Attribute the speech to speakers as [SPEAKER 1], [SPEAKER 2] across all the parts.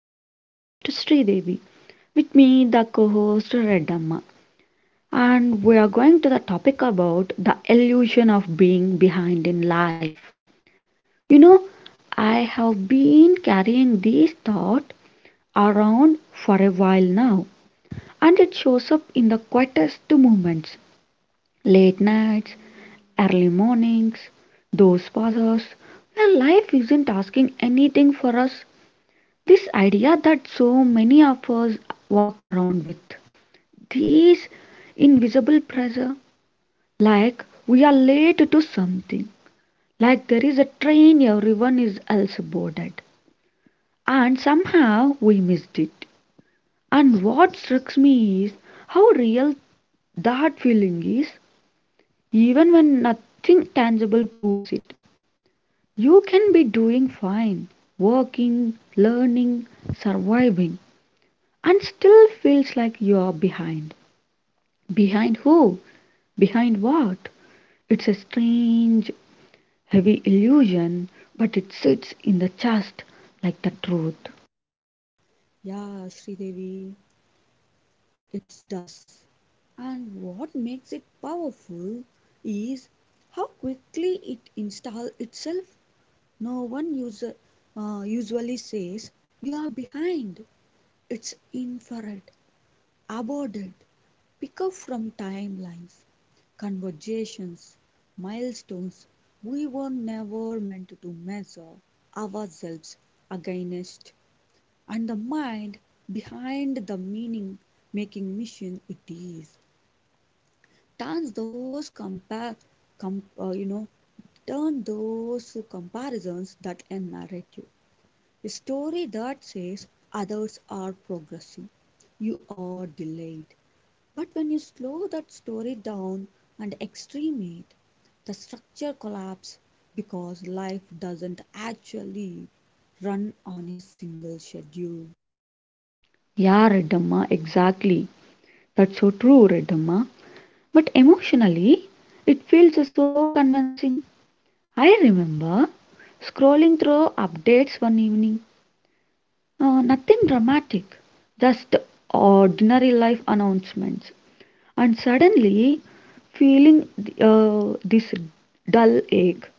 [SPEAKER 1] I'm your host Sridevi. With me the co-host Redamma. And we are going to the topic about the illusion of being behind in life. You know, I have been carrying this thought around for a while now, and it shows up in the quietest moments. Late nights, early mornings, those pauses where life isn't asking anything for us, this idea that so many of us walk around with, this invisible pressure, like we are late to something, like there is a train everyone is else boarded and somehow we missed it. And what strikes me is how real that feeling is, even when nothing tangible proves it. You can be doing fine, working, learning, surviving, and still feels like you are behind. Behind who? Behind what? It's a strange, heavy illusion, but it sits in the chest like the truth.
[SPEAKER 2] Yeah, Sridevi, it does. And what makes it powerful is how quickly it installs itself. No one user, usually says, You are behind. It's inferred, aborted, pick up from timelines, conversations, milestones we were never meant to measure ourselves against. And the mind behind the meaning making mission it is turns those compare com- uh, you know turn those comparisons that a narrative, a story that says others are progressing, you are delayed. But when you slow that story down and extreme it, the structure collapses because life doesn't actually run on a single schedule.
[SPEAKER 1] Yeah, Redamma, exactly. That's so true, Redamma. But emotionally, it feels so convincing. I remember scrolling through updates one evening. Nothing dramatic, just ordinary life announcements. And suddenly feeling this dull ache.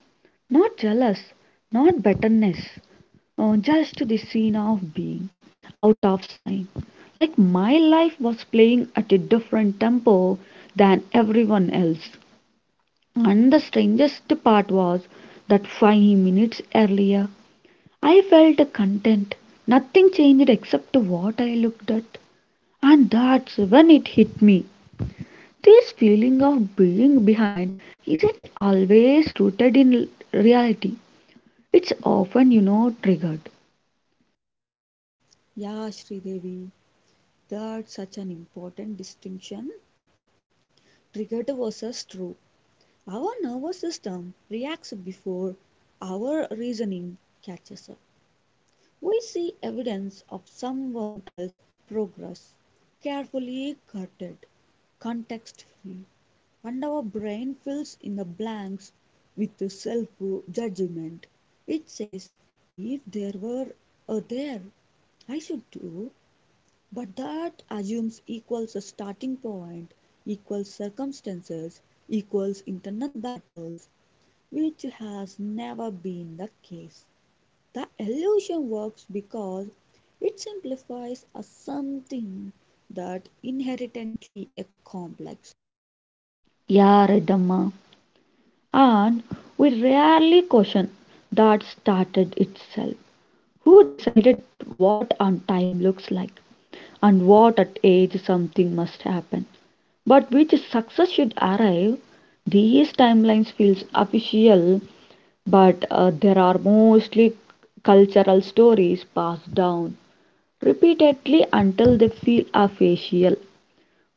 [SPEAKER 1] Not jealous, not bitterness, just the scene of being out of sign. Like my life was playing at a different tempo than everyone else. And the strangest part was that 5 minutes earlier, I felt content. Nothing changed except what I looked at. And that's when it hit me. This feeling of being behind isn't always rooted in reality. It's often, you know, triggered.
[SPEAKER 2] Yeah, Sridevi, that such an important distinction, triggered was as true. Our nervous system reacts before our reasoning catches up. We see evidence of someone else's progress, carefully curated, context free, and our brain fills in the blanks with self judgment. It says, If there were a there, I should do, But that assumes equals a starting point, equals circumstances, equals internal battles, which has never been the case. The illusion works because it simplifies a something that inherently a complex.
[SPEAKER 1] Yeah, right, Amma. And we rarely question that started itself. Who decided what on time looks like and what at age something must happen? But which success should arrive? These timelines feels official, but there are mostly cultural stories passed down repeatedly until they feel official.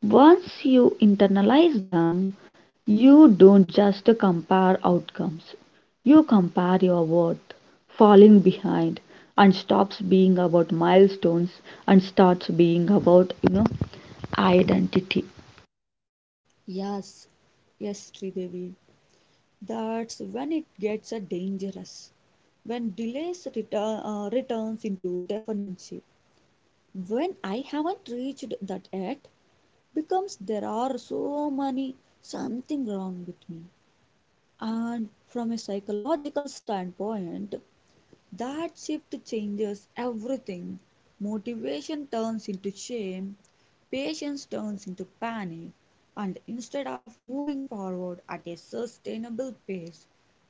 [SPEAKER 1] Once you internalize them, you don't just compare outcomes, you compare your worth. Falling behind and stops being about milestones and starts being about, you know, identity.
[SPEAKER 2] Yes, yes, Sridevi, that's when it gets dangerous. When delays return, returns into dependency. When I haven't reached that yet, becomes there are so many something wrong with me. And from a psychological standpoint, that shift changes everything. Motivation turns into shame, patience turns into panic, and instead of moving forward at a sustainable pace,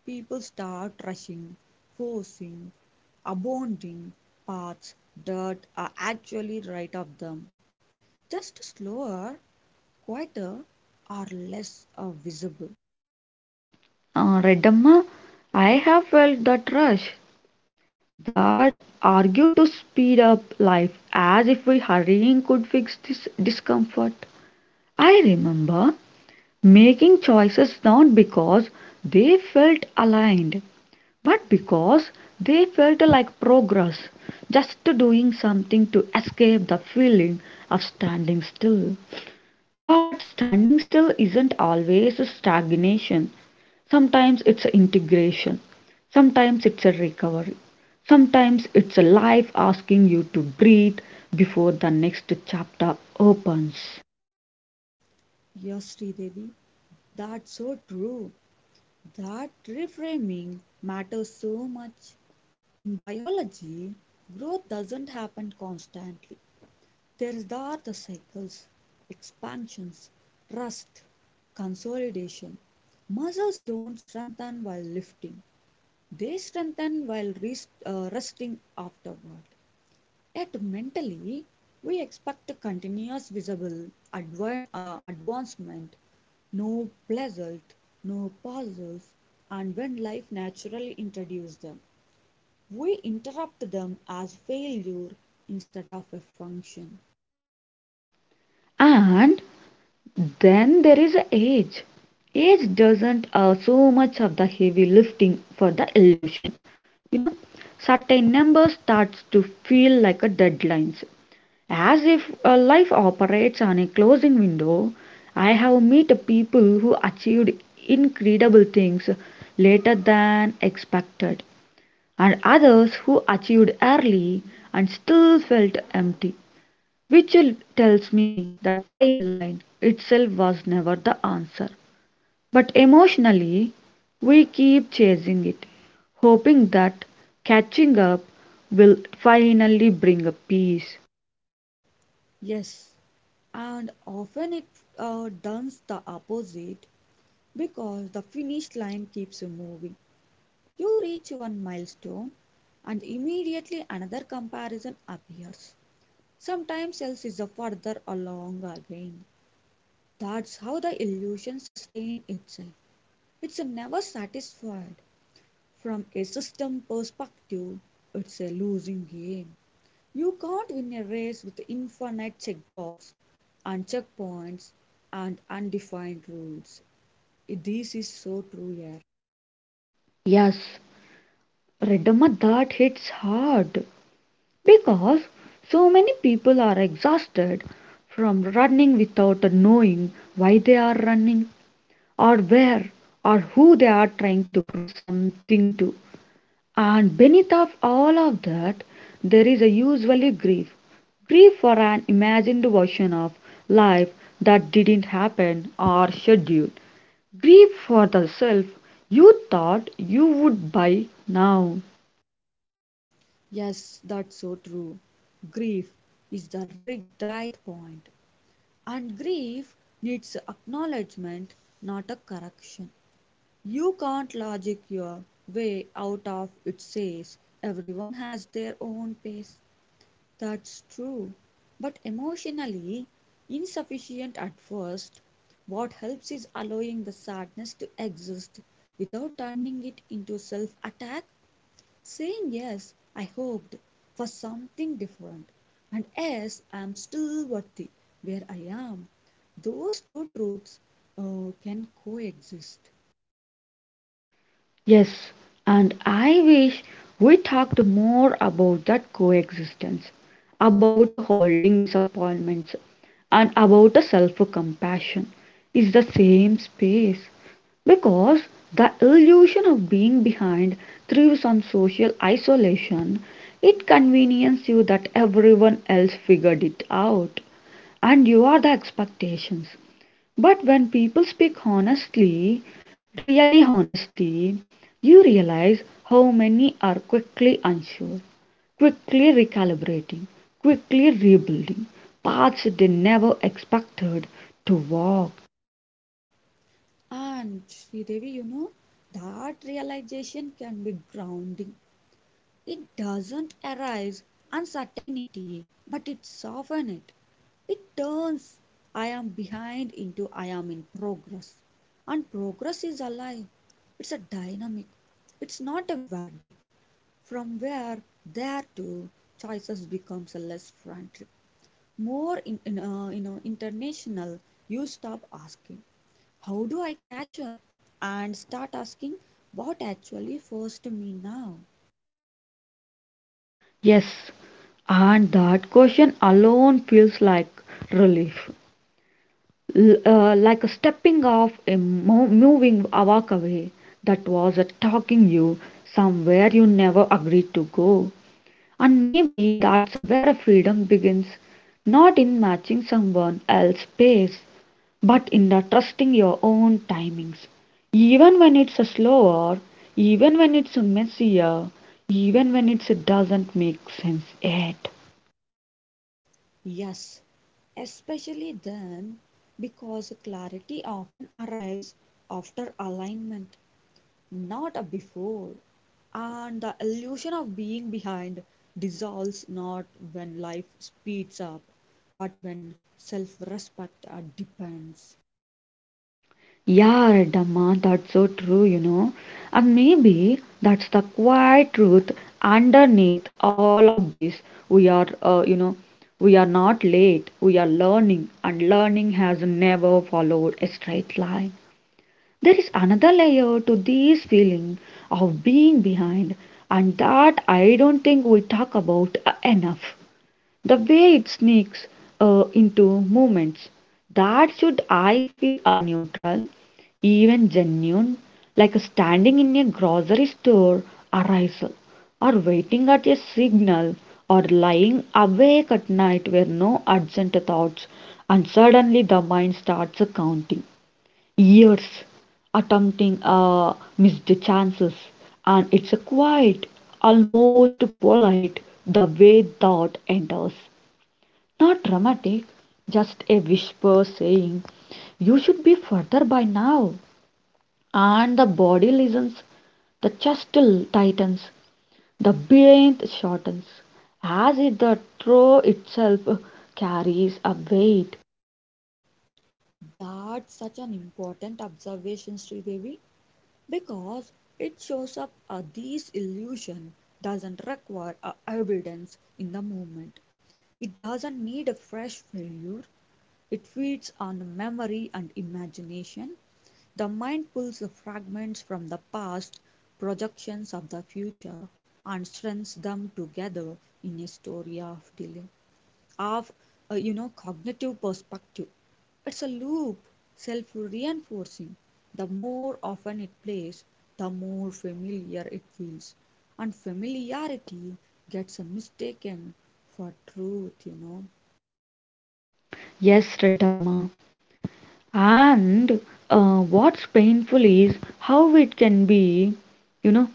[SPEAKER 2] people start rushing, forcing, abounding paths that are actually right of them, just slower, quieter, or less visible.
[SPEAKER 1] Redamma, I have felt that rush, that argue to speed up life as if we hurrying could fix this discomfort. I remember making choices not because they felt aligned, but because they felt like progress, just doing something to escape the feeling of standing still. But standing still isn't always stagnation. Sometimes it's integration. Sometimes it's a recovery. Sometimes it's a life asking you to breathe before the next chapter opens.
[SPEAKER 2] Yes, Sridevi, that's so true. That reframing matters so much. In biology, growth doesn't happen constantly. There are the cycles, expansions, rust, consolidation. Muscles don't strengthen while lifting, they strengthen while rest, resting afterward. Yet mentally, we expect continuous visible advancement, no pleasant, no pauses, and when life naturally introduces them, we interrupt them as failure instead of a function.
[SPEAKER 1] And then there is age. Age doesn't allow so much of the heavy lifting for the illusion. You know, certain number starts to feel like a deadlines, as if a life operates on a closing window. I have met people who achieved incredible things later than expected, and others who achieved early and still felt empty. Vigil tells me the timeline itself was never the answer, but emotionally we keep chasing it, hoping that catching up will finally bring a peace.
[SPEAKER 2] Yes, and often it does the opposite because the finish line keeps moving. You reach one milestone, and immediately another comparison appears. Sometimes else is a further along our brain. That's how the illusion sustains itself. It's never satisfied. From a system perspective, it's a losing game. You can't win a race with infinite checkbox and checkpoints and undefined rules. This is so true here.
[SPEAKER 1] Yes, Redamma, that hits hard because so many people are exhausted from running without knowing why they are running, or where, or who they are trying to prove something to. And beneath of all of that, there is a usually grief. Grief for an imagined version of life that didn't happen or scheduled. Grief for the self you thought you would by now.
[SPEAKER 2] Yes, that's so true. Grief is the right point, and grief needs acknowledgement, not a correction. "You can't logic your way out of it says everyone has their own pace. That's true. But emotionally insufficient at first, what helps is allowing the sadness to exist without turning it into self attack, saying, Yes, I hoped for something different, and yes, I am still worthy where I am. Those two truths can coexist.
[SPEAKER 1] Yes, and I wish we talked more about that coexistence, about holding disappointments, and about self compassion is the same space. Because the illusion of being behind thrives on social isolation, it conveniences you that everyone else figured it out and you are the expectations. But when people speak honestly, really honestly, you realize how many are quickly unsure, quickly recalibrating, quickly rebuilding paths they never expected to walk.
[SPEAKER 2] And Sridevi, you know, that realization can be grounding. It doesn't arise uncertainty, but it softens it. It turns I am behind into I am in progress. And progress is alive. It's a dynamic. It's not a verdict. From where there to choices becomes less frantic, more in international. You stop asking how do I catch up? And start asking what actually first me now?
[SPEAKER 1] Yes, and that question alone feels like relief, like a stepping off, a moving a walk away that was a talking you somewhere you never agreed to go. And maybe that's where freedom begins, not in matching someone else's pace, but in the trusting your own timings. Even when it's slower, even when it's messier, even when it doesn't make sense yet.
[SPEAKER 2] Yes, especially then, because clarity often arrives after alignment, not before. And the illusion of being behind dissolves not when life speeds up, but when self respect depends.
[SPEAKER 1] Yeah, Redamma, that's so true, you know. And maybe that's the quiet truth underneath all of this. We are, uh, you know, we are not late. We are learning, and learning has never followed a straight line. There is another layer to this feeling of being behind, and that I don't think we talk about enough, the way it sneaks into movements that should I feel are neutral, even genuine, like standing in a grocery store arrival, or waiting at a signal, or lying awake at night where no urgent thoughts, and suddenly the mind starts counting years, attempting missed chances. And it's a quiet, almost polite the way thought enters, not dramatic, just a whisper saying, "You should be further by now." And the body listens, the chest tightens, the breath shortens, as if the throw itself carries a weight.
[SPEAKER 2] That's such an important observation, Sridevi. Because it shows up these illusion doesn't require evidence in the moment. It doesn't need a fresh failure. It feeds on memory and imagination. The mind pulls the fragments from the past, projections of the future, and strings them together in a story of delay, of cognitive perspective. It's a loop, self reinforcing. The more often it plays, the more familiar it feels. And familiarity gets mistaken for truth, you know.
[SPEAKER 1] Yes, Redamma. And what's painful is how it can be, you know,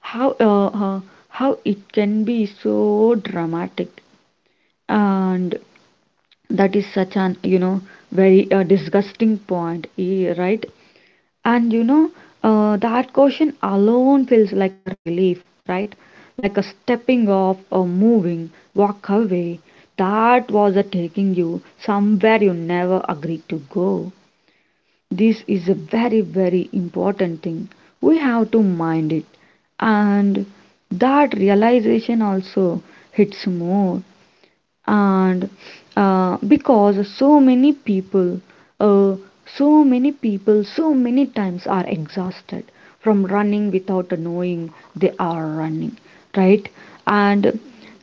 [SPEAKER 1] how uh, uh, how it can be so dramatic. And that is such an, you know, very disgusting point, eh, right. And you know, that question alone feels like a relief, right, like a stepping off or moving walk away that was a taking you somewhere you never agreed to go. This is a very very important thing, we have to mind it. And that realization also hits more. And because so many people uh, so many times are exhausted from running without knowing they are running, right. And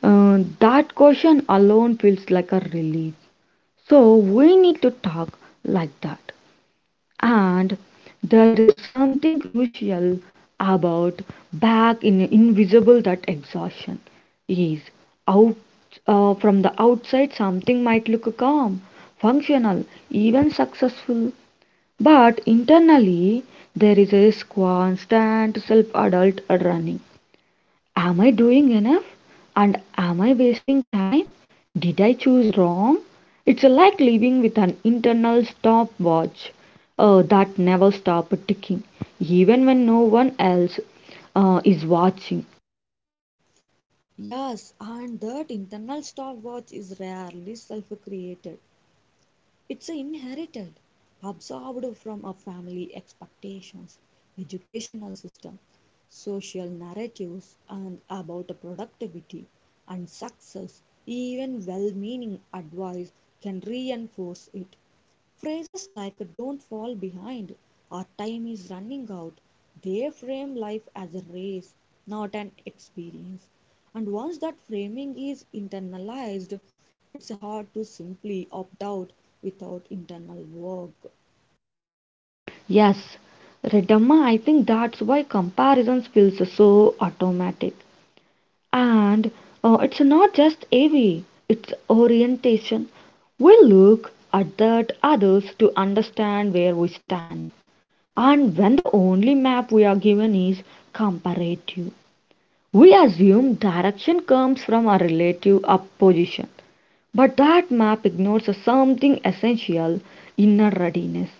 [SPEAKER 1] that question alone feels like a relief, so we need to talk like that. And there is something crucial about back in invisible that exhaustion is out, from the outside something might look calm, functional, even successful, but internally there is a constant self-adult running. Am I doing enough? And am I wasting time? Did I choose wrong? It's like living with an internal stopwatch that never stops ticking, even when no one else is watching.
[SPEAKER 2] Yes, and that internal stopwatch is rarely self created. It's inherited, absorbed from our family expectations, educational system, social narratives, and about productivity and success. Even well meaning advice can reinforce it. Phrases like don't fall behind or time is running out, they frame life as a race, not an experience. And once that framing is internalized, it's hard to simply opt out without internal work.
[SPEAKER 1] Yes, Redamma, I think that's why comparisons feels so so automatic. And it's not just AV, it's orientation. We look at that others to understand where we stand. And when the only map we are given is comparative. We assume direction comes from a relative opposition, but that map ignores something essential, inner readiness.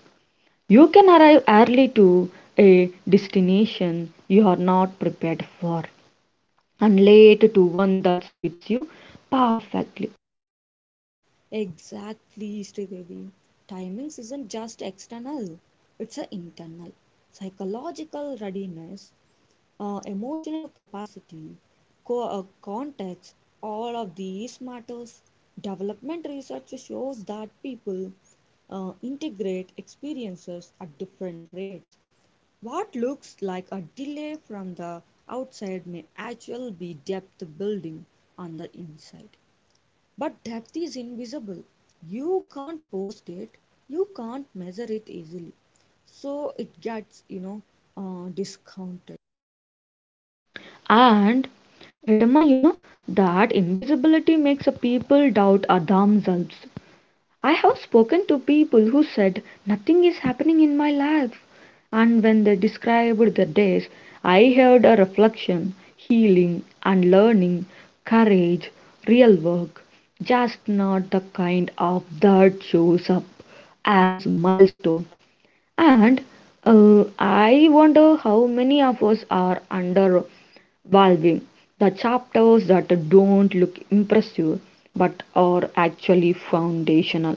[SPEAKER 1] You can arrive early to a destination you are not prepared for and late to one that fits you perfectly.
[SPEAKER 2] Exactly, Sridevi. Timings isn't just external, it's an internal psychological readiness, emotional capacity, context, all of these matters. Development research shows that people integrate experiences at different rates. What looks like a delay from the outside may actually be depth building on the inside. But depth is invisible. You can't post it, you can't measure it easily. So it gets, discounted.
[SPEAKER 1] And remember, you know, that invisibility makes people doubt themselves. I have spoken to people who said, "Nothing is happening in my life," and when they described their days I heard a reflection, healing and learning, courage, real work, just not the kind of that shows up as milestone. And I wonder how many of us are undervaluing the chapters that don't look impressive but are actually foundational.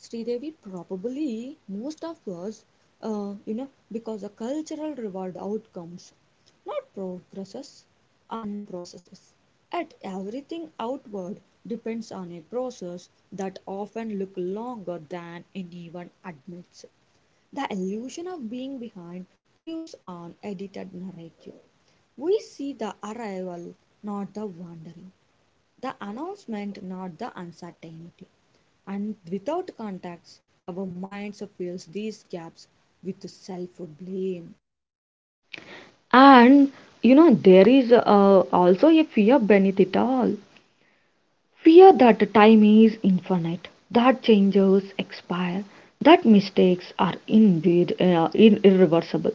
[SPEAKER 2] Sridevi, probably most of us, because the cultural reward outcomes, not progresses and processes. At everything outward depends on a process that often look longer than anyone admits. The illusion of being behind thrives on edited narrative. We see the arrival, not the wandering, the announcement, not the uncertainty. And without contacts, our minds fills these gaps with self-blame.
[SPEAKER 1] And you know, there is also a fear beneath it all, fear that time is infinite, that changes expire, that mistakes are indeed irreversible.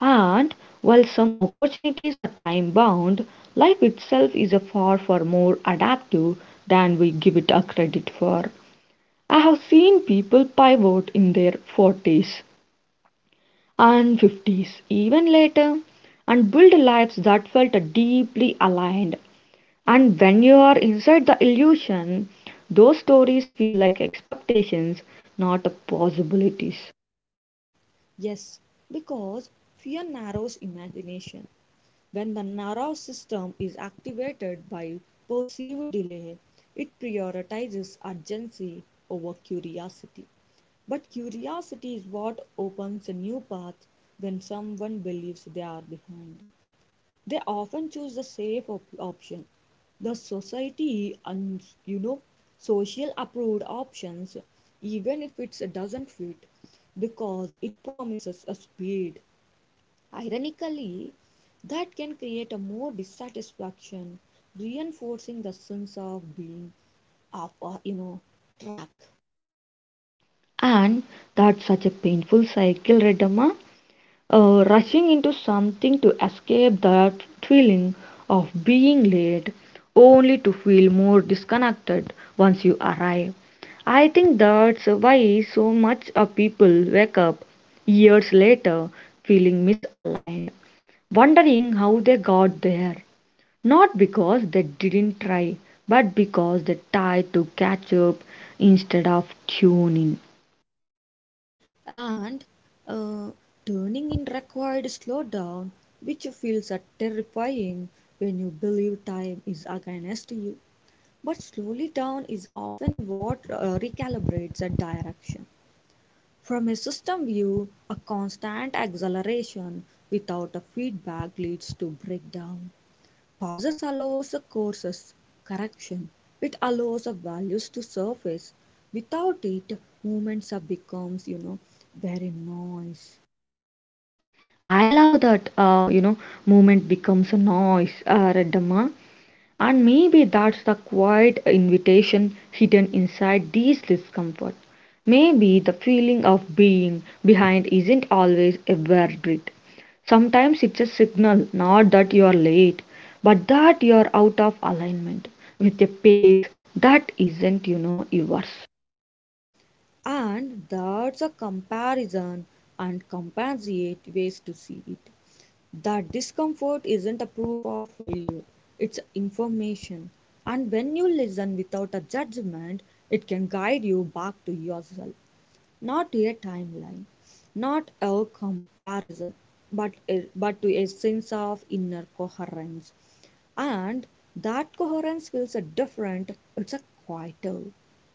[SPEAKER 1] And while some opportunities are time bound, life itself is a far more adaptive than we give it a credit for. I have seen people pivot in their 40s and 50s, even later, and build lives that felt deeply aligned. And when you are inside the illusion, those stories feel like expectations, not possibilities.
[SPEAKER 2] Yes, because fear narrows imagination. When the nervous system is activated by perceived delay, it prioritizes urgency over curiosity. But curiosity is what opens a new path when someone believes they are behind. They often choose the safe option, the society and, you know, social approved options, even if it doesn't fit because it promises a speed, ironically, that can create a more dissatisfaction, reinforcing the sense of being off, track.
[SPEAKER 1] And that's such a painful cycle, Redama. Rushing into something to escape that feeling of being late only to feel more disconnected once you arrive. I think that's why so much of people wake up years later feeling misaligned, wondering how they got there. Not because they didn't try, but because they tried to catch up instead of tuning.
[SPEAKER 2] And uh, turning in required slowdown, which feels terrifying when you believe time is against you. But slowly down is often what recalibrates a direction. From a system view, a constant acceleration without a feedback leads to breakdown. Pauses allows a courses correction. It allows the values to surface. Without it, movements are becomes, you know, very noise.
[SPEAKER 1] I love that, movement becomes a noise, Reddamma. And maybe that's the quiet invitation hidden inside these discomfort. Maybe the feeling of being behind isn't always a verdict. Sometimes it's a signal, not that you are late, but that you are out of alignment with a pace that isn't, you know, yours.
[SPEAKER 2] And that's a comparison and compensate ways to see it. That discomfort isn't a proof of failure, it's information. And when you listen without a judgment, it can guide you back to yourself, not to a timeline, not a comparison, but, a, but to a sense of inner coherence. And that coherence feels a different, it's a quieter,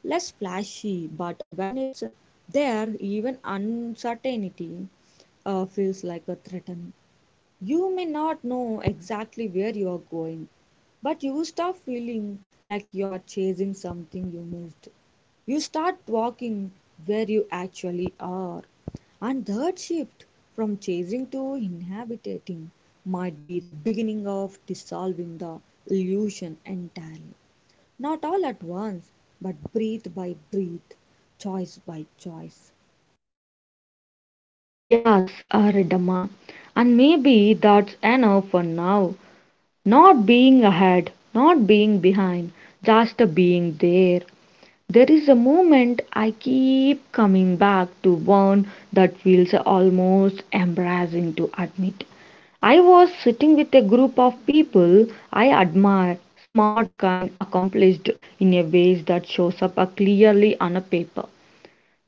[SPEAKER 2] less flashy, but when it's there, even uncertainty feels like a threat. You may not know exactly where you are going, but you start feeling like you are chasing something you missed. You start walking where you actually are. And that shift from chasing to inhabiting might be the beginning of dissolving the illusion entirely. Not all at once, but breath by breath, choice by choice.
[SPEAKER 1] Yes, Reddamma. And maybe that's enough for now. Not being ahead, not being behind, just being there. There is a moment I keep coming back to, one that feels almost embarrassing to admit. I was sitting with a group of people I admire, smart, kind, accomplished in a ways that shows up clearly on a paper.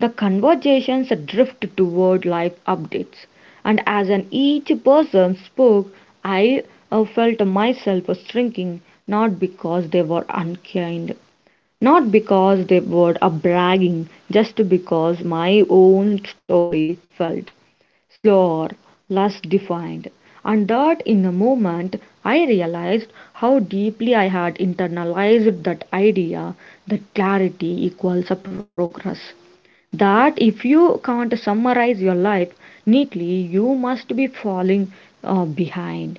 [SPEAKER 1] The conversations drift toward life updates, and as an each person spoke, I felt myself shrinking, not because they were unkind, not because they were bragging, just because my own story felt slower, less defined. And that in a moment I realized how deeply I had internalized that idea that clarity equals a progress, that if you can't summarize your life neatly, you must be falling behind.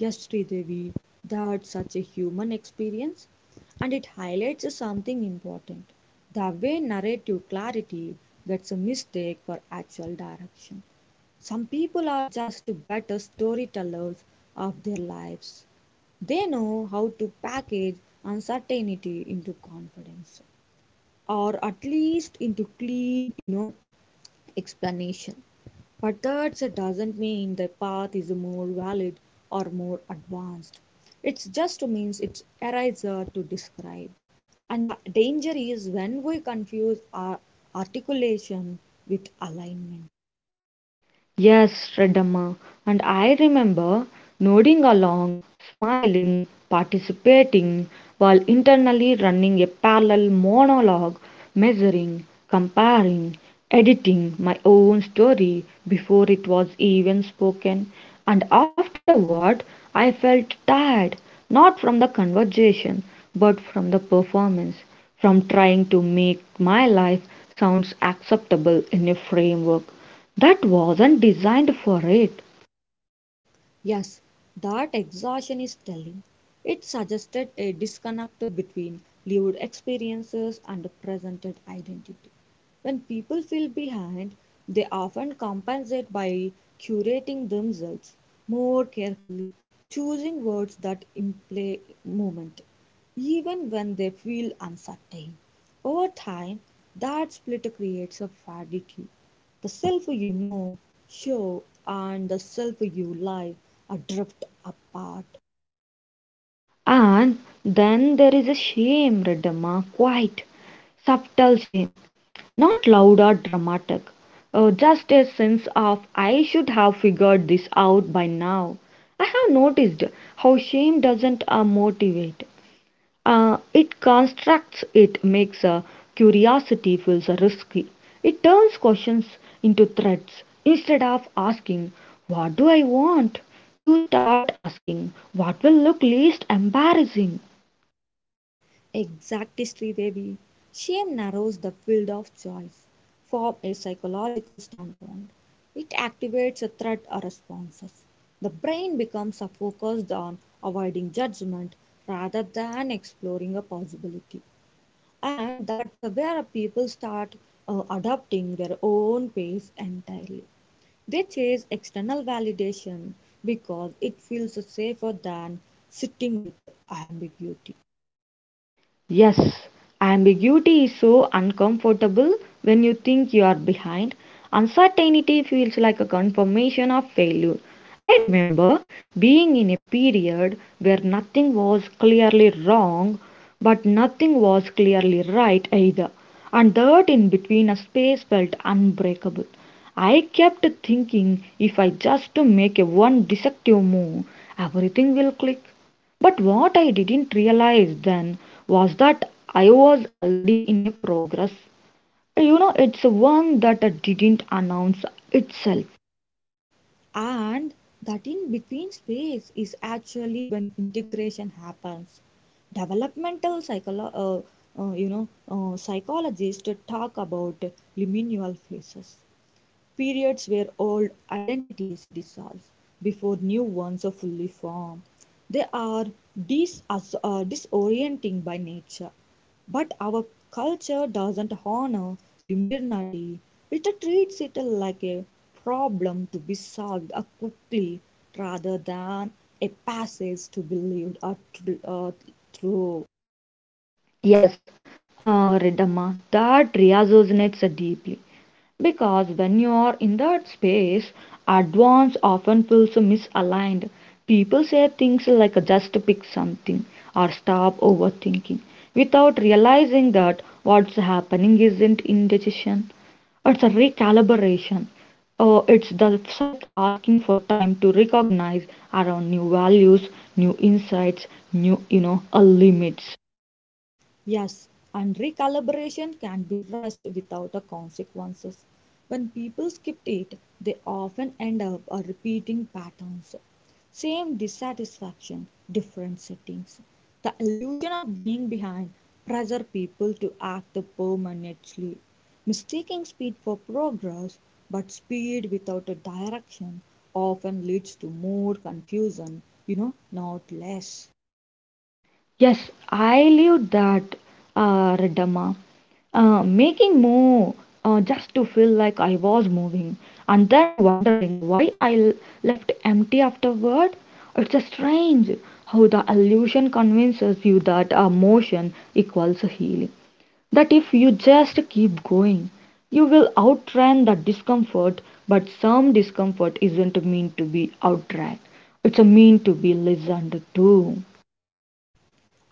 [SPEAKER 2] Yes, Devi, that's such a human experience, and it highlights something important, the way narrative clarity gets a mistake for actual direction. Some people are just better storytellers of their lives. They know how to package uncertainty into confidence, or at least into clean, you know, explanation. But that doesn't mean the path is more valid or more advanced. It just means it's easier to describe. And the danger is when we confuse our articulation with alignment.
[SPEAKER 1] Yes, Shraddhamma. And I remember nodding along, smiling, participating, while internally running a parallel monologue, measuring, comparing, editing my own story before it was even spoken. And afterward, I felt tired, not from the conversation, but from the performance, from trying to make my life sounds acceptable in a framework that wasn't designed for it.
[SPEAKER 2] Yes, that exhaustion is telling. It suggested a disconnect between lived experiences and the presented identity. When people feel behind, they often compensate by curating themselves more carefully, choosing words that imply movement, even when they feel uncertain. Over time, that split creates a fatigue, the self you know, show, and the self you live adrift apart.
[SPEAKER 1] And then there is a shame, Redemma, quite subtle shame, not loud or dramatic, just a sense of I should have figured this out by now. I have noticed how shame doesn't motivate. It constructs it, makes curiosity feels risky. It turns questions into threats. Instead of asking, What do I want? You start asking, What will look least embarrassing?
[SPEAKER 2] Exactly, Devi. Shame narrows the field of choice from a psychological standpoint. It activates a threat or responses. The brain becomes focused on avoiding judgment rather than exploring a possibility. And that's where people start adopting their own pace entirely. They chase external validation because it feels safer than sitting with ambiguity.
[SPEAKER 1] Yes, ambiguity is so uncomfortable when you think you are behind. Uncertainty feels like a confirmation of failure. I remember being in a period where nothing was clearly wrong, but nothing was clearly right either, and that in between a space felt unbreakable. I kept thinking if I just make a one deceptive move, everything will click. But what I didn't realize then was that I was already in a progress. You know, it's one that didn't announce itself.
[SPEAKER 2] And that in between space is actually when integration happens. Developmental psychologists talk about liminal phases, periods where old identities dissolve before new ones are fully formed. They are disorienting by nature. But our culture doesn't honor liminality, it treats it like a problem to be solved quickly rather than a passage to be lived or, through.
[SPEAKER 1] Yes, Redamma, that resonates deeply. Because when you are in that space, advance often feels misaligned. People say things like just pick something or stop overthinking without realizing that what's happening isn't indecision. It's a recalibration. It's the psyche asking for time to recognize around new values, new insights, new, limits.
[SPEAKER 2] Yes, and recalibration can be rushed without the consequences. When people skip it, they often end up repeating patterns. Same dissatisfaction, different settings. The illusion of being behind pressure people to act permanently. Mistaking speed for progress, but speed without a direction often leads to more confusion, you know, not less.
[SPEAKER 1] Yes, I lived that, Reddamma. Making more just to feel like I was moving, and then wondering why I left empty afterward. It's a strange how the illusion convinces you that motion equals healing. That if you just keep going, you will outrun the discomfort, but some discomfort isn't meant to be outrun. It's a mean to be listened to.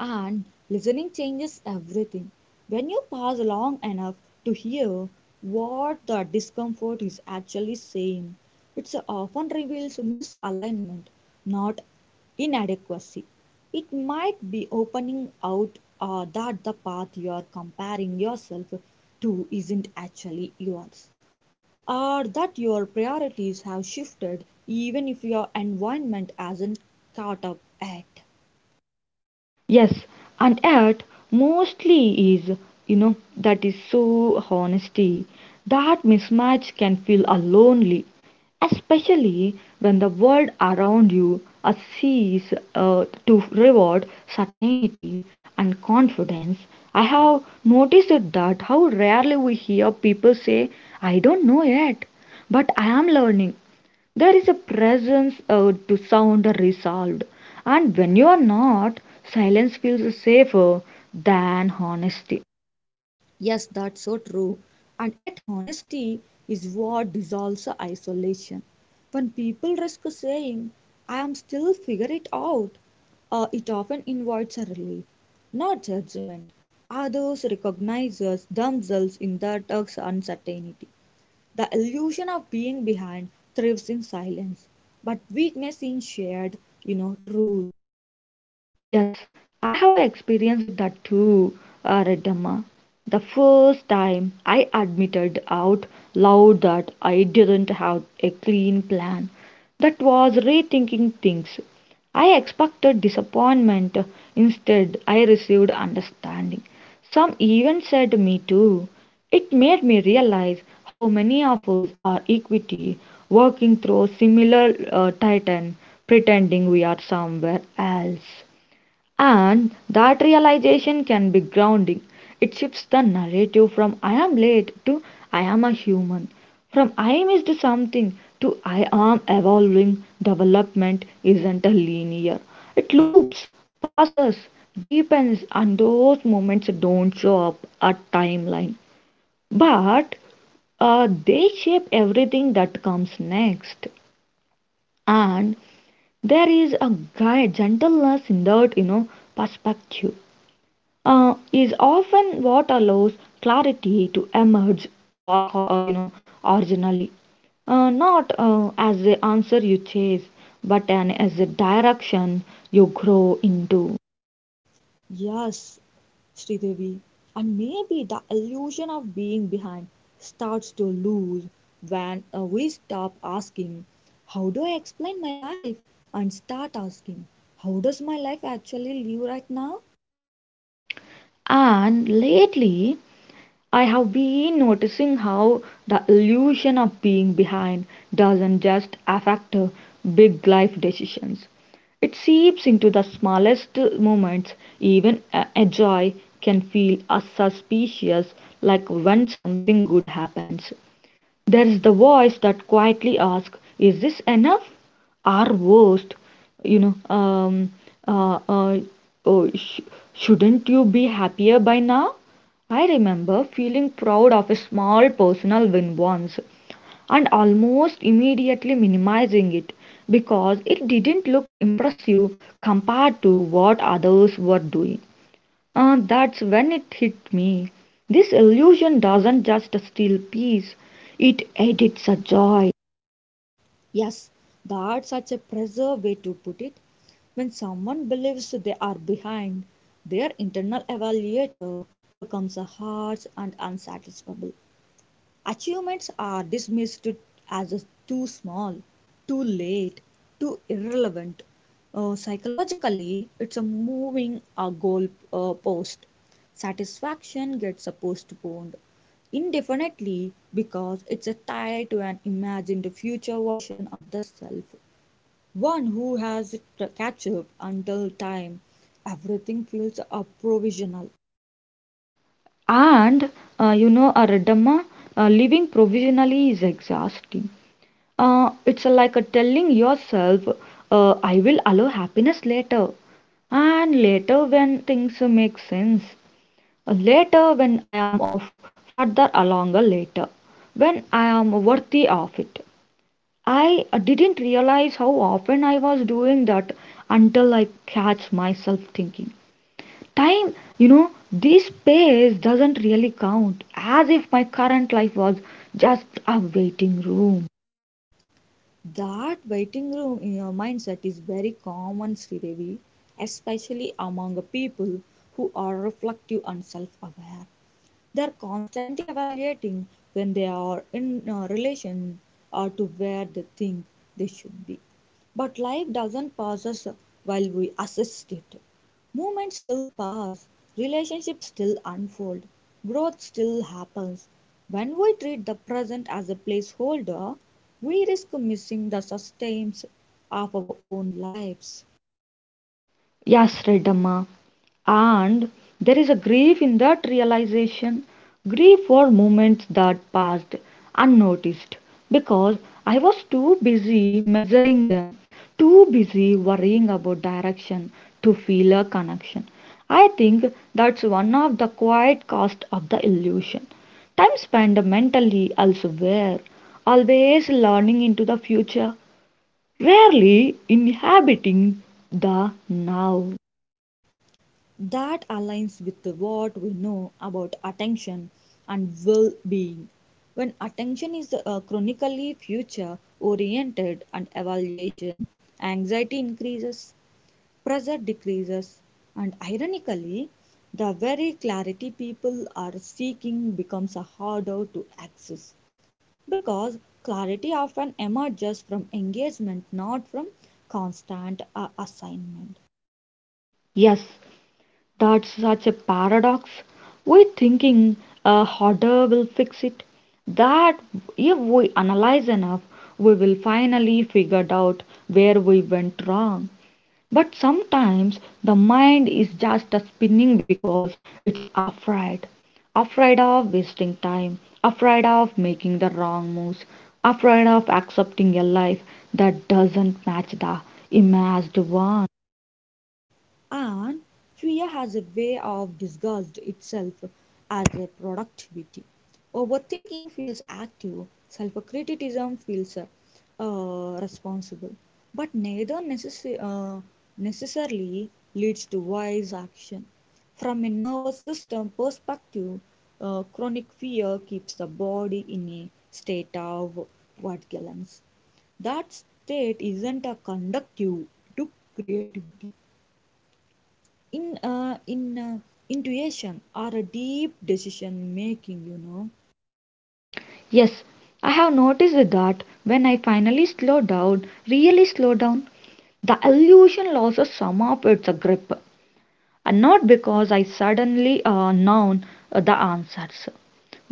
[SPEAKER 2] And listening changes everything. When you pause long enough to hear what the discomfort is actually saying, it often reveals misalignment, not inadequacy. It might be opening out that the path you are comparing yourself to isn't actually yours, or that your priorities have shifted even if your environment hasn't caught up yet.
[SPEAKER 1] Yes, and yet mostly is, you know, that is so honesty. That mismatch can feel a lonely, especially when the world around you sees to reward certainty and confidence. I have noticed that how rarely we hear people say, I don't know yet, but I am learning, there is a presence to sound resolved, and when you are not, silence feels safer than honesty.
[SPEAKER 2] Yes, that's so true. And yet, honesty is what dissolves the isolation. When people risk saying, I am still figure it out, it often invites a relief, not judgment. Others recognize us themselves in their dark's uncertainty. The illusion of being behind thrives in silence, but weakness in shared, truth.
[SPEAKER 1] Yes, I have experienced that too, Redamma. The first time I admitted out loud that I didn't have a clean plan, that was rethinking things. I expected disappointment, instead, I received understanding. Some even said me too. It made me realize how many of us are equity, working through similar titan, pretending we are somewhere else. And that realization can be grounding. It shifts the narrative from I am late to I am a human, from I missed something to I am evolving. Development isn't a linear, it loops, passes, deepens, and those moments don't show up a timeline. But they shape everything that comes next. And there is a guy gentleness in that, you know, perspective is often what allows clarity to emerge or, you know originally not as the answer you chase but an as a direction you grow into.
[SPEAKER 2] Yes, Sridevi, and maybe the illusion of being behind starts to lose when we stop asking, how do I explain my life? And start asking, how does my life actually live right now?
[SPEAKER 1] And lately I have been noticing how the illusion of being behind doesn't just affect big life decisions. It seeps into the smallest moments. Even a joy can feel as suspicious, like when something good happens. There is the voice that quietly asks, "Is this enough?" Our worst, you know, um, uh, uh, oh, sh- shouldn't you be happier by now? I remember feeling proud of a small personal win once and almost immediately minimizing it because it didn't look impressive compared to what others were doing. That's when it hit me. This illusion doesn't just steal peace, it edits a joy.
[SPEAKER 2] Yes, that's such a pressure way to put it. When someone believes they are behind, their internal evaluator becomes a harsh and unsatisfiable. Achievements are dismissed as too small, too late, too irrelevant. Psychologically, it's a moving a goal post. Satisfaction gets postponed indefinitely because it's a tie to an imagined future version of the self, one who has it to catch up until time. Everything feels provisional.
[SPEAKER 1] And Aradama, living provisionally is exhausting. It's like a telling yourself, I will allow happiness later. And later when things make sense. Later when I am of further along a later. When I am worthy of it. I didn't realize how often I was doing that until I catch myself thinking. Time, you know, this space doesn't really count, as if my current life was just a waiting room.
[SPEAKER 2] That waiting room in your mindset is very common, Sridevi, especially among people who are reflective and self aware. They are constantly evaluating when they are in relation to where they think they should be. But life doesn't pass us while we assist it. Moments still pass, relationships still unfold, growth still happens. When we treat the present as a placeholder, we risk missing the sustains of our own lives.
[SPEAKER 1] Yes, Redamma. And there is a grief in that realization, grief for moments that passed unnoticed because I was too busy measuring them, too busy worrying about direction to feel a connection. I think that's one of the quiet cost of the illusion. Time spent mentally elsewhere, always learning into the future, rarely inhabiting the now.
[SPEAKER 2] That aligns with what we know about attention and well being. When attention is chronically future oriented and evaluation, anxiety increases, pressure decreases, and ironically, the very clarity people are seeking becomes harder to access because clarity often emerges from engagement, not from constant assignment.
[SPEAKER 1] Yes, that's such a paradox. We're thinking a hoarder will fix it. That if we analyze enough, we will finally figure out where we went wrong. But sometimes the mind is just a spinning because it's afraid. Afraid of wasting time, afraid of making the wrong moves, afraid of accepting a life that doesn't match the imagined one.
[SPEAKER 2] And fear has a way of disguised itself as a productivity. Overthinking feels active, self criticism feels responsible, but neither necessi- necessarily leads to wise action. From a nervous system perspective, chronic fear keeps the body in a state of vigilance. That state isn't a conducive to creativity in intuition or a deep decision making.
[SPEAKER 1] Yes, I have noticed that when I finally slow down, really slow down, the illusion loses some of its grip. And not because I suddenly know the answers,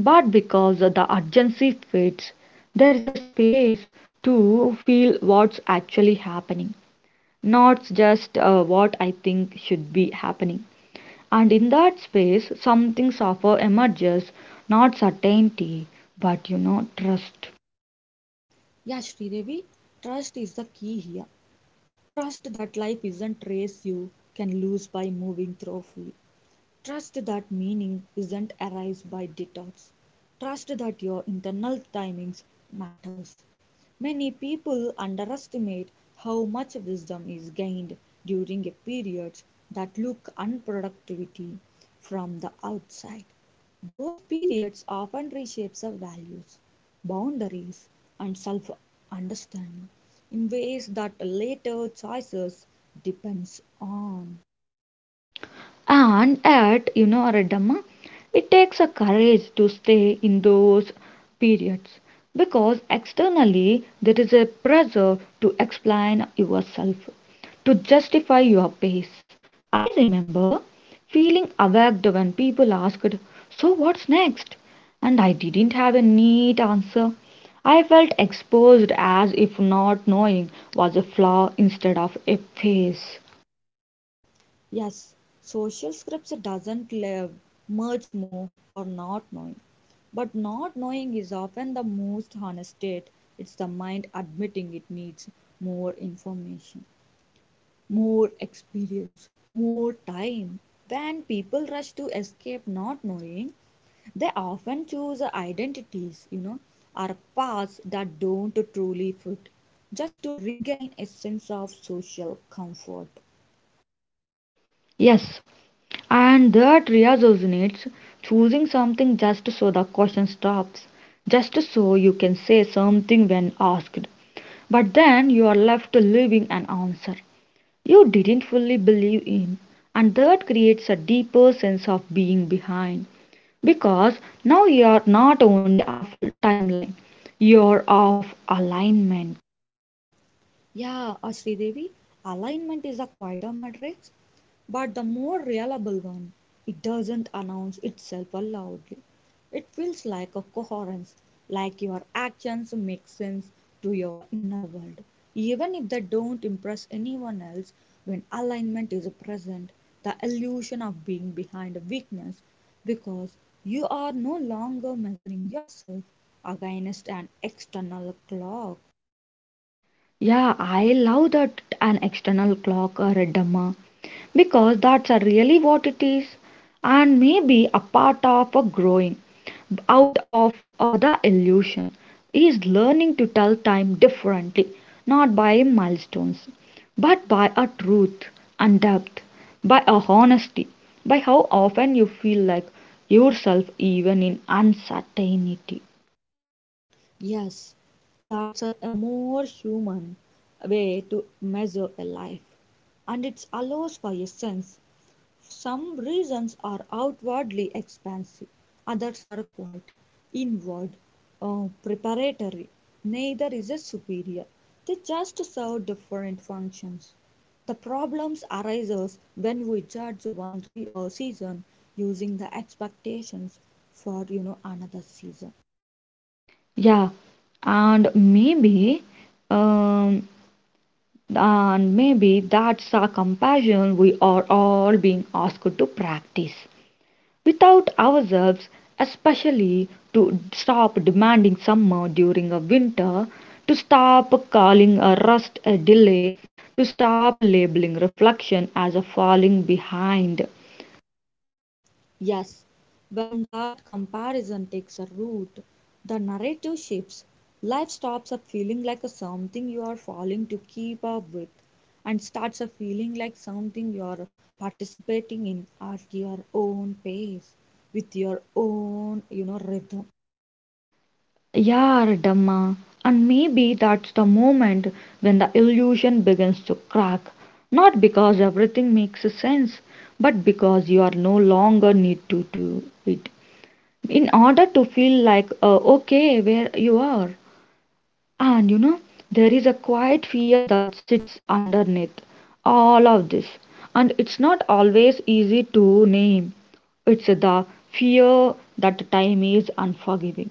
[SPEAKER 1] but because the urgency fades. There is a space to feel what's actually happening, not just what I think should be happening. And in that space, something suffer emerges, not certainty, but you know, trust.
[SPEAKER 2] Yeah, Sridevi, trust is the key here. Trust that life isn't race you can lose by moving thoroughly. Trust that meaning is not arise by detours. Trust that your internal timings matters. Many people underestimate how much wisdom is gained during a periods that look unproductivity from the outside. Those periods often reshapes our values, boundaries, and self-understanding in ways that later choices depends on.
[SPEAKER 1] And at you know, Redamma, it takes a courage to stay in those periods because externally there is a pressure to explain yourself, to justify your pace. I remember feeling awaked when people asked, So what's next? And I didn't have a neat answer. I felt exposed as if not knowing was a flaw instead of a phase.
[SPEAKER 2] Yes, social scripts doesn't live much more for not knowing. But not knowing is often the most honest state. It's the mind admitting it needs more information, more experience, more time. When people rush to escape not knowing, they often choose identities, or paths that don't truly fit, just to regain a sense of social comfort.
[SPEAKER 1] Yes, and that resonates choosing something just so the question stops, just so you can say something when asked, but then you are left leaving an answer you didn't fully believe in, and that creates a deeper sense of being behind because now you are not only off timeline, you're off alignment.
[SPEAKER 2] Yeah, Sridevi, alignment is a quieter matrix, but the more reliable one. It doesn't announce itself loudly. It feels like a coherence, like your actions make sense to your inner world. Even if they don't impress anyone else, when alignment is present, the illusion of being behind a weakness because you are no longer measuring yourself against an external clock.
[SPEAKER 1] Yeah, I love that an external clock, or a Reddamma, because that's really what it is, and maybe a part of a growing out of the illusion is learning to tell time differently, not by milestones, but by a truth and depth, by a honesty, by how often you feel like yourself even in uncertainty.
[SPEAKER 2] Yes, that's a more human way to measure a life, and it allows for a sense. Some reasons are outwardly expansive, others are quite inward, preparatory. Neither is a superior. They just serve different functions. The problems arises when we judge one season using the expectations for another season.
[SPEAKER 1] Yeah, and maybe um, And maybe that's a compassion we are all being asked to practice without ourselves, especially to stop demanding summer during a winter, to stop calling a rest a delay, to stop labeling reflection as a falling behind.
[SPEAKER 2] Yes, when that comparison takes a root, the narrative shifts. Life stops at feeling like a something you are falling to keep up with and starts a feeling like something you are participating in at your own pace with your own rhythm.
[SPEAKER 1] Yar Dhamma. And maybe that's the moment when the illusion begins to crack. Not because everything makes sense, but because you are no longer need to do it. In order to feel like okay where you are. And you know, there is a quiet fear that sits underneath all of this, and it's not always easy to name. It's the fear that time is unforgiving,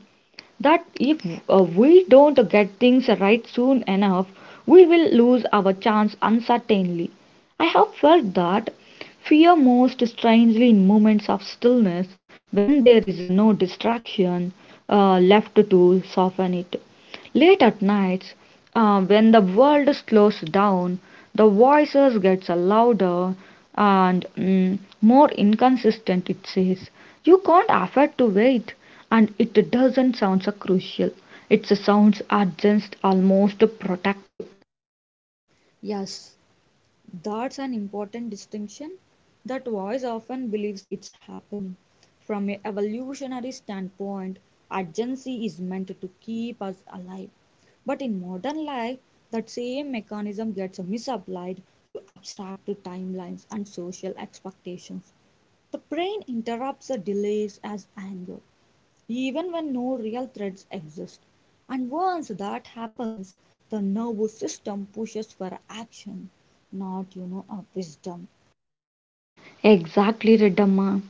[SPEAKER 1] that if we don't get things right soon enough, we will lose our chance uncertainly. I have felt that fear most strangely in moments of stillness when there is no distraction left to soften it. Late at nights, when the world slows down, the voices gets louder and more inconsistent. It says, "You can't afford to wait," and it doesn't sound so crucial. It sounds urgent, almost protective.
[SPEAKER 2] Yes, that's an important distinction. That voice often believes it's happened. From a evolutionary standpoint, urgency is meant to keep us alive. But in modern life, that same mechanism gets misapplied to abstract timelines and social expectations. The brain interrupts the delays as anger, even when no real threats exist. And once that happens, the nervous system pushes for action, not, a wisdom.
[SPEAKER 1] Exactly, Reddamma.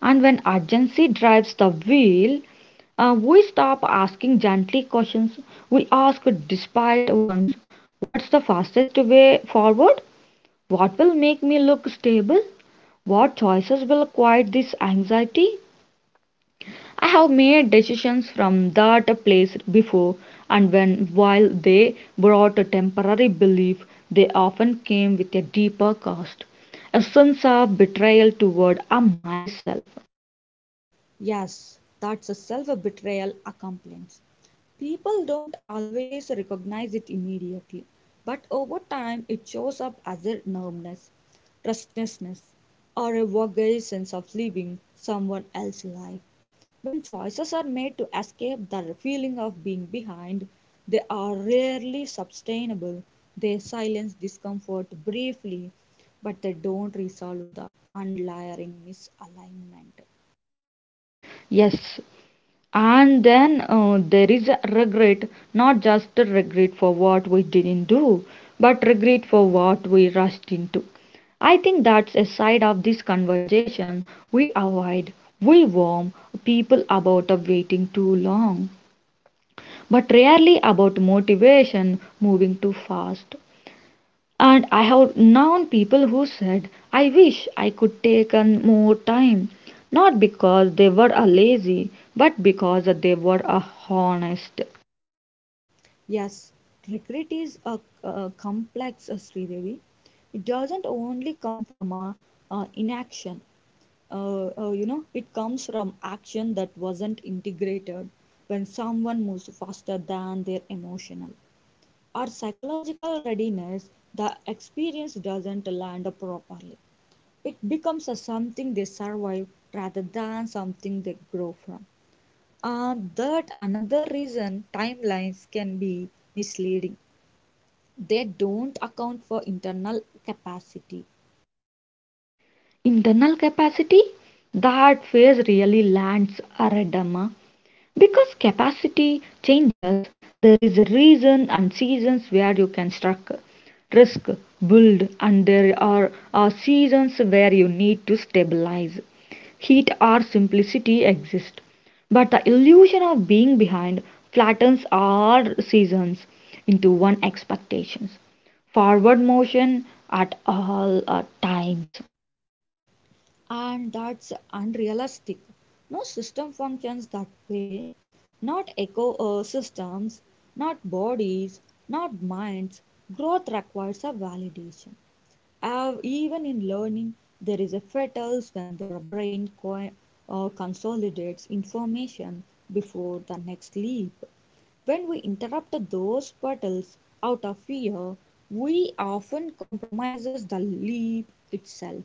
[SPEAKER 1] And when urgency drives the wheel, we stop asking gently questions. We ask despite ones. What's the fastest way forward? What will make me look stable? What choices will quiet this anxiety? I have made decisions from that place before, and when while they brought a temporary belief, they often came with a deeper cost, a sense of betrayal toward a myself.
[SPEAKER 2] Yes, that's a self betrayal accomplice. People don't always recognize it immediately, but over time it shows up as a numbness, restlessness, or a vague sense of living someone else's life. When choices are made to escape the feeling of being behind, they are rarely sustainable. They silence discomfort briefly, but they don't resolve the underlying misalignment.
[SPEAKER 1] Yes, and then there is a regret, not just a regret for what we didn't do, but regret for what we rushed into. I think that's a side of this conversation we avoid. We warn people about waiting too long, but rarely about motivation moving too fast. And I have known people who said, I wish I could take on more time, not because they were a lazy, but because they were a honest.
[SPEAKER 2] Yes, regret is a complex Sridevi. It doesn't only come from a, inaction. It comes from action that wasn't integrated when someone moves faster than their emotional or psychological readiness, the experience doesn't land properly. It becomes a something they survive rather than something they grow from. And that another reason timelines can be misleading. They don't account for internal capacity,
[SPEAKER 1] Internal capacity? That phrase really lands a red Amma. Because capacity changes, there is a reason and seasons where you can struck, risk, build, and there are seasons where you need to stabilize. Heat or simplicity exist, but the illusion of being behind flattens all seasons into one expectations. Forward motion at all times.
[SPEAKER 2] and that's unrealistic. No system functions that way. Not ecosystems, not bodies, not minds. Growth requires a validation. Even in learning, there is a fetus when their brain consolidates information before the next leap. When we interrupt those petals out of fear, we often compromises the leap itself.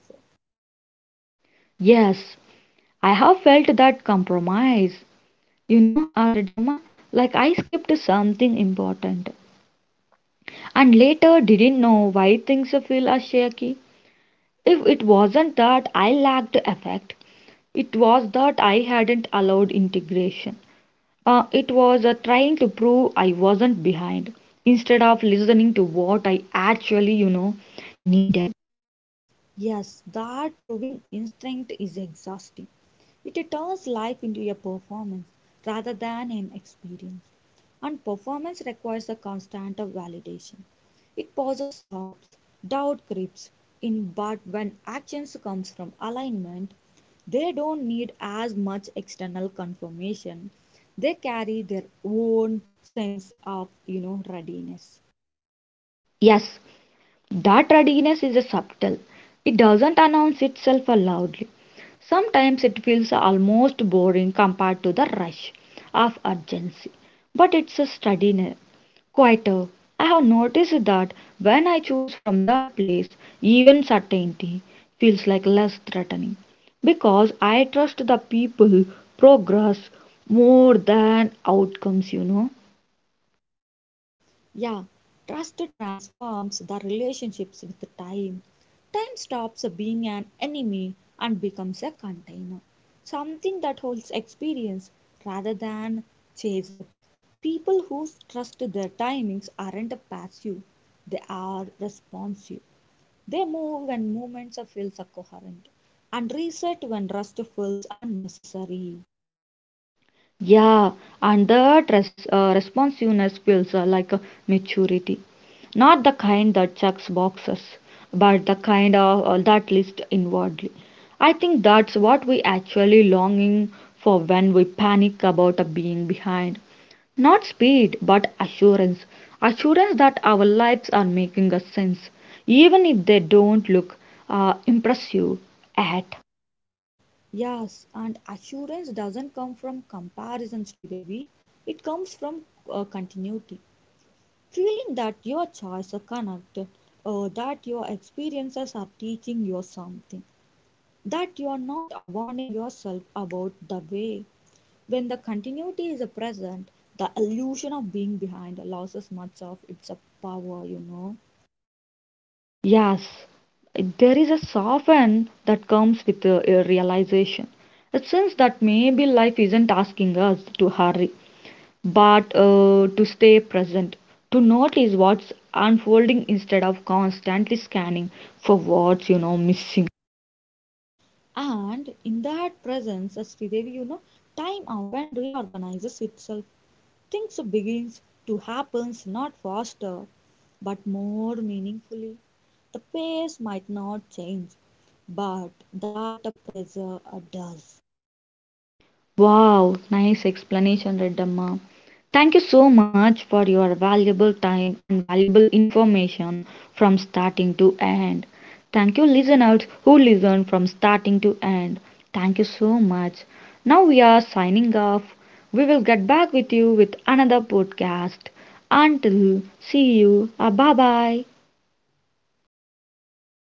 [SPEAKER 1] Yes, I have felt that compromise, you know, Aradama, like I skipped something important and later didn't know why things feel as shaky. If it wasn't that I lacked effect, it was that I hadn't allowed integration. It was trying to prove I wasn't behind instead of listening to what I actually, you know, needed.
[SPEAKER 2] Yes, that proving instinct is exhausting. It turns life into a performance rather than an experience. And performance requires a constant of validation. It pauses, stops, doubt creeps in, but when actions comes from alignment, they don't need as much external confirmation. They carry their own sense of readiness.
[SPEAKER 1] Yes, that readiness is subtle. It doesn't announce itself loudly. Sometimes it feels almost boring compared to the rush of urgency, but it's a steadiness, quieter. I have noticed that when I choose from that place, even certainty feels like less threatening because I trust the people progress more than outcomes, you know.
[SPEAKER 2] Yeah, trust transforms the relationships with time. Time stops being an enemy and becomes a container, something that holds experience rather than chase it. People who trust their timings aren't passive, they are responsive. They move when movements feels coherent and reset when rust feels unnecessary.
[SPEAKER 1] Yeah, and that responsiveness feels like a maturity. Not the kind that checks boxes, but the kind of that lists inwardly. I think that's what we actually longing for when we panic about being behind. Not speed, but assurance. Assurance that our lives are making a sense, even if they don't look impressive at.
[SPEAKER 2] Yes, and assurance doesn't come from comparison, Sridevi. It comes from continuity. Feeling that your choices are connected, that your experiences are teaching you something, that you are not avoiding yourself about the way. When the continuity is present, the illusion of being behind loses much of its power,
[SPEAKER 1] Yes, there is a soften that comes with a realization, a sense that maybe life isn't asking us to hurry, but to stay present, to notice what's unfolding instead of constantly scanning for what's you know missing.
[SPEAKER 2] And in that presence, Sridevi, time often reorganizes itself. Things begins to happens not faster but more meaningfully. The pace might not change, but that pressure does.
[SPEAKER 1] Wow, nice explanation, Reddamma. Thank you so much for your valuable time and valuable information from starting to end. Thank you, listeners who listened from starting to end. Thank you so much. Now we are signing off. We will get back with you with another podcast. Until see you. Bye bye.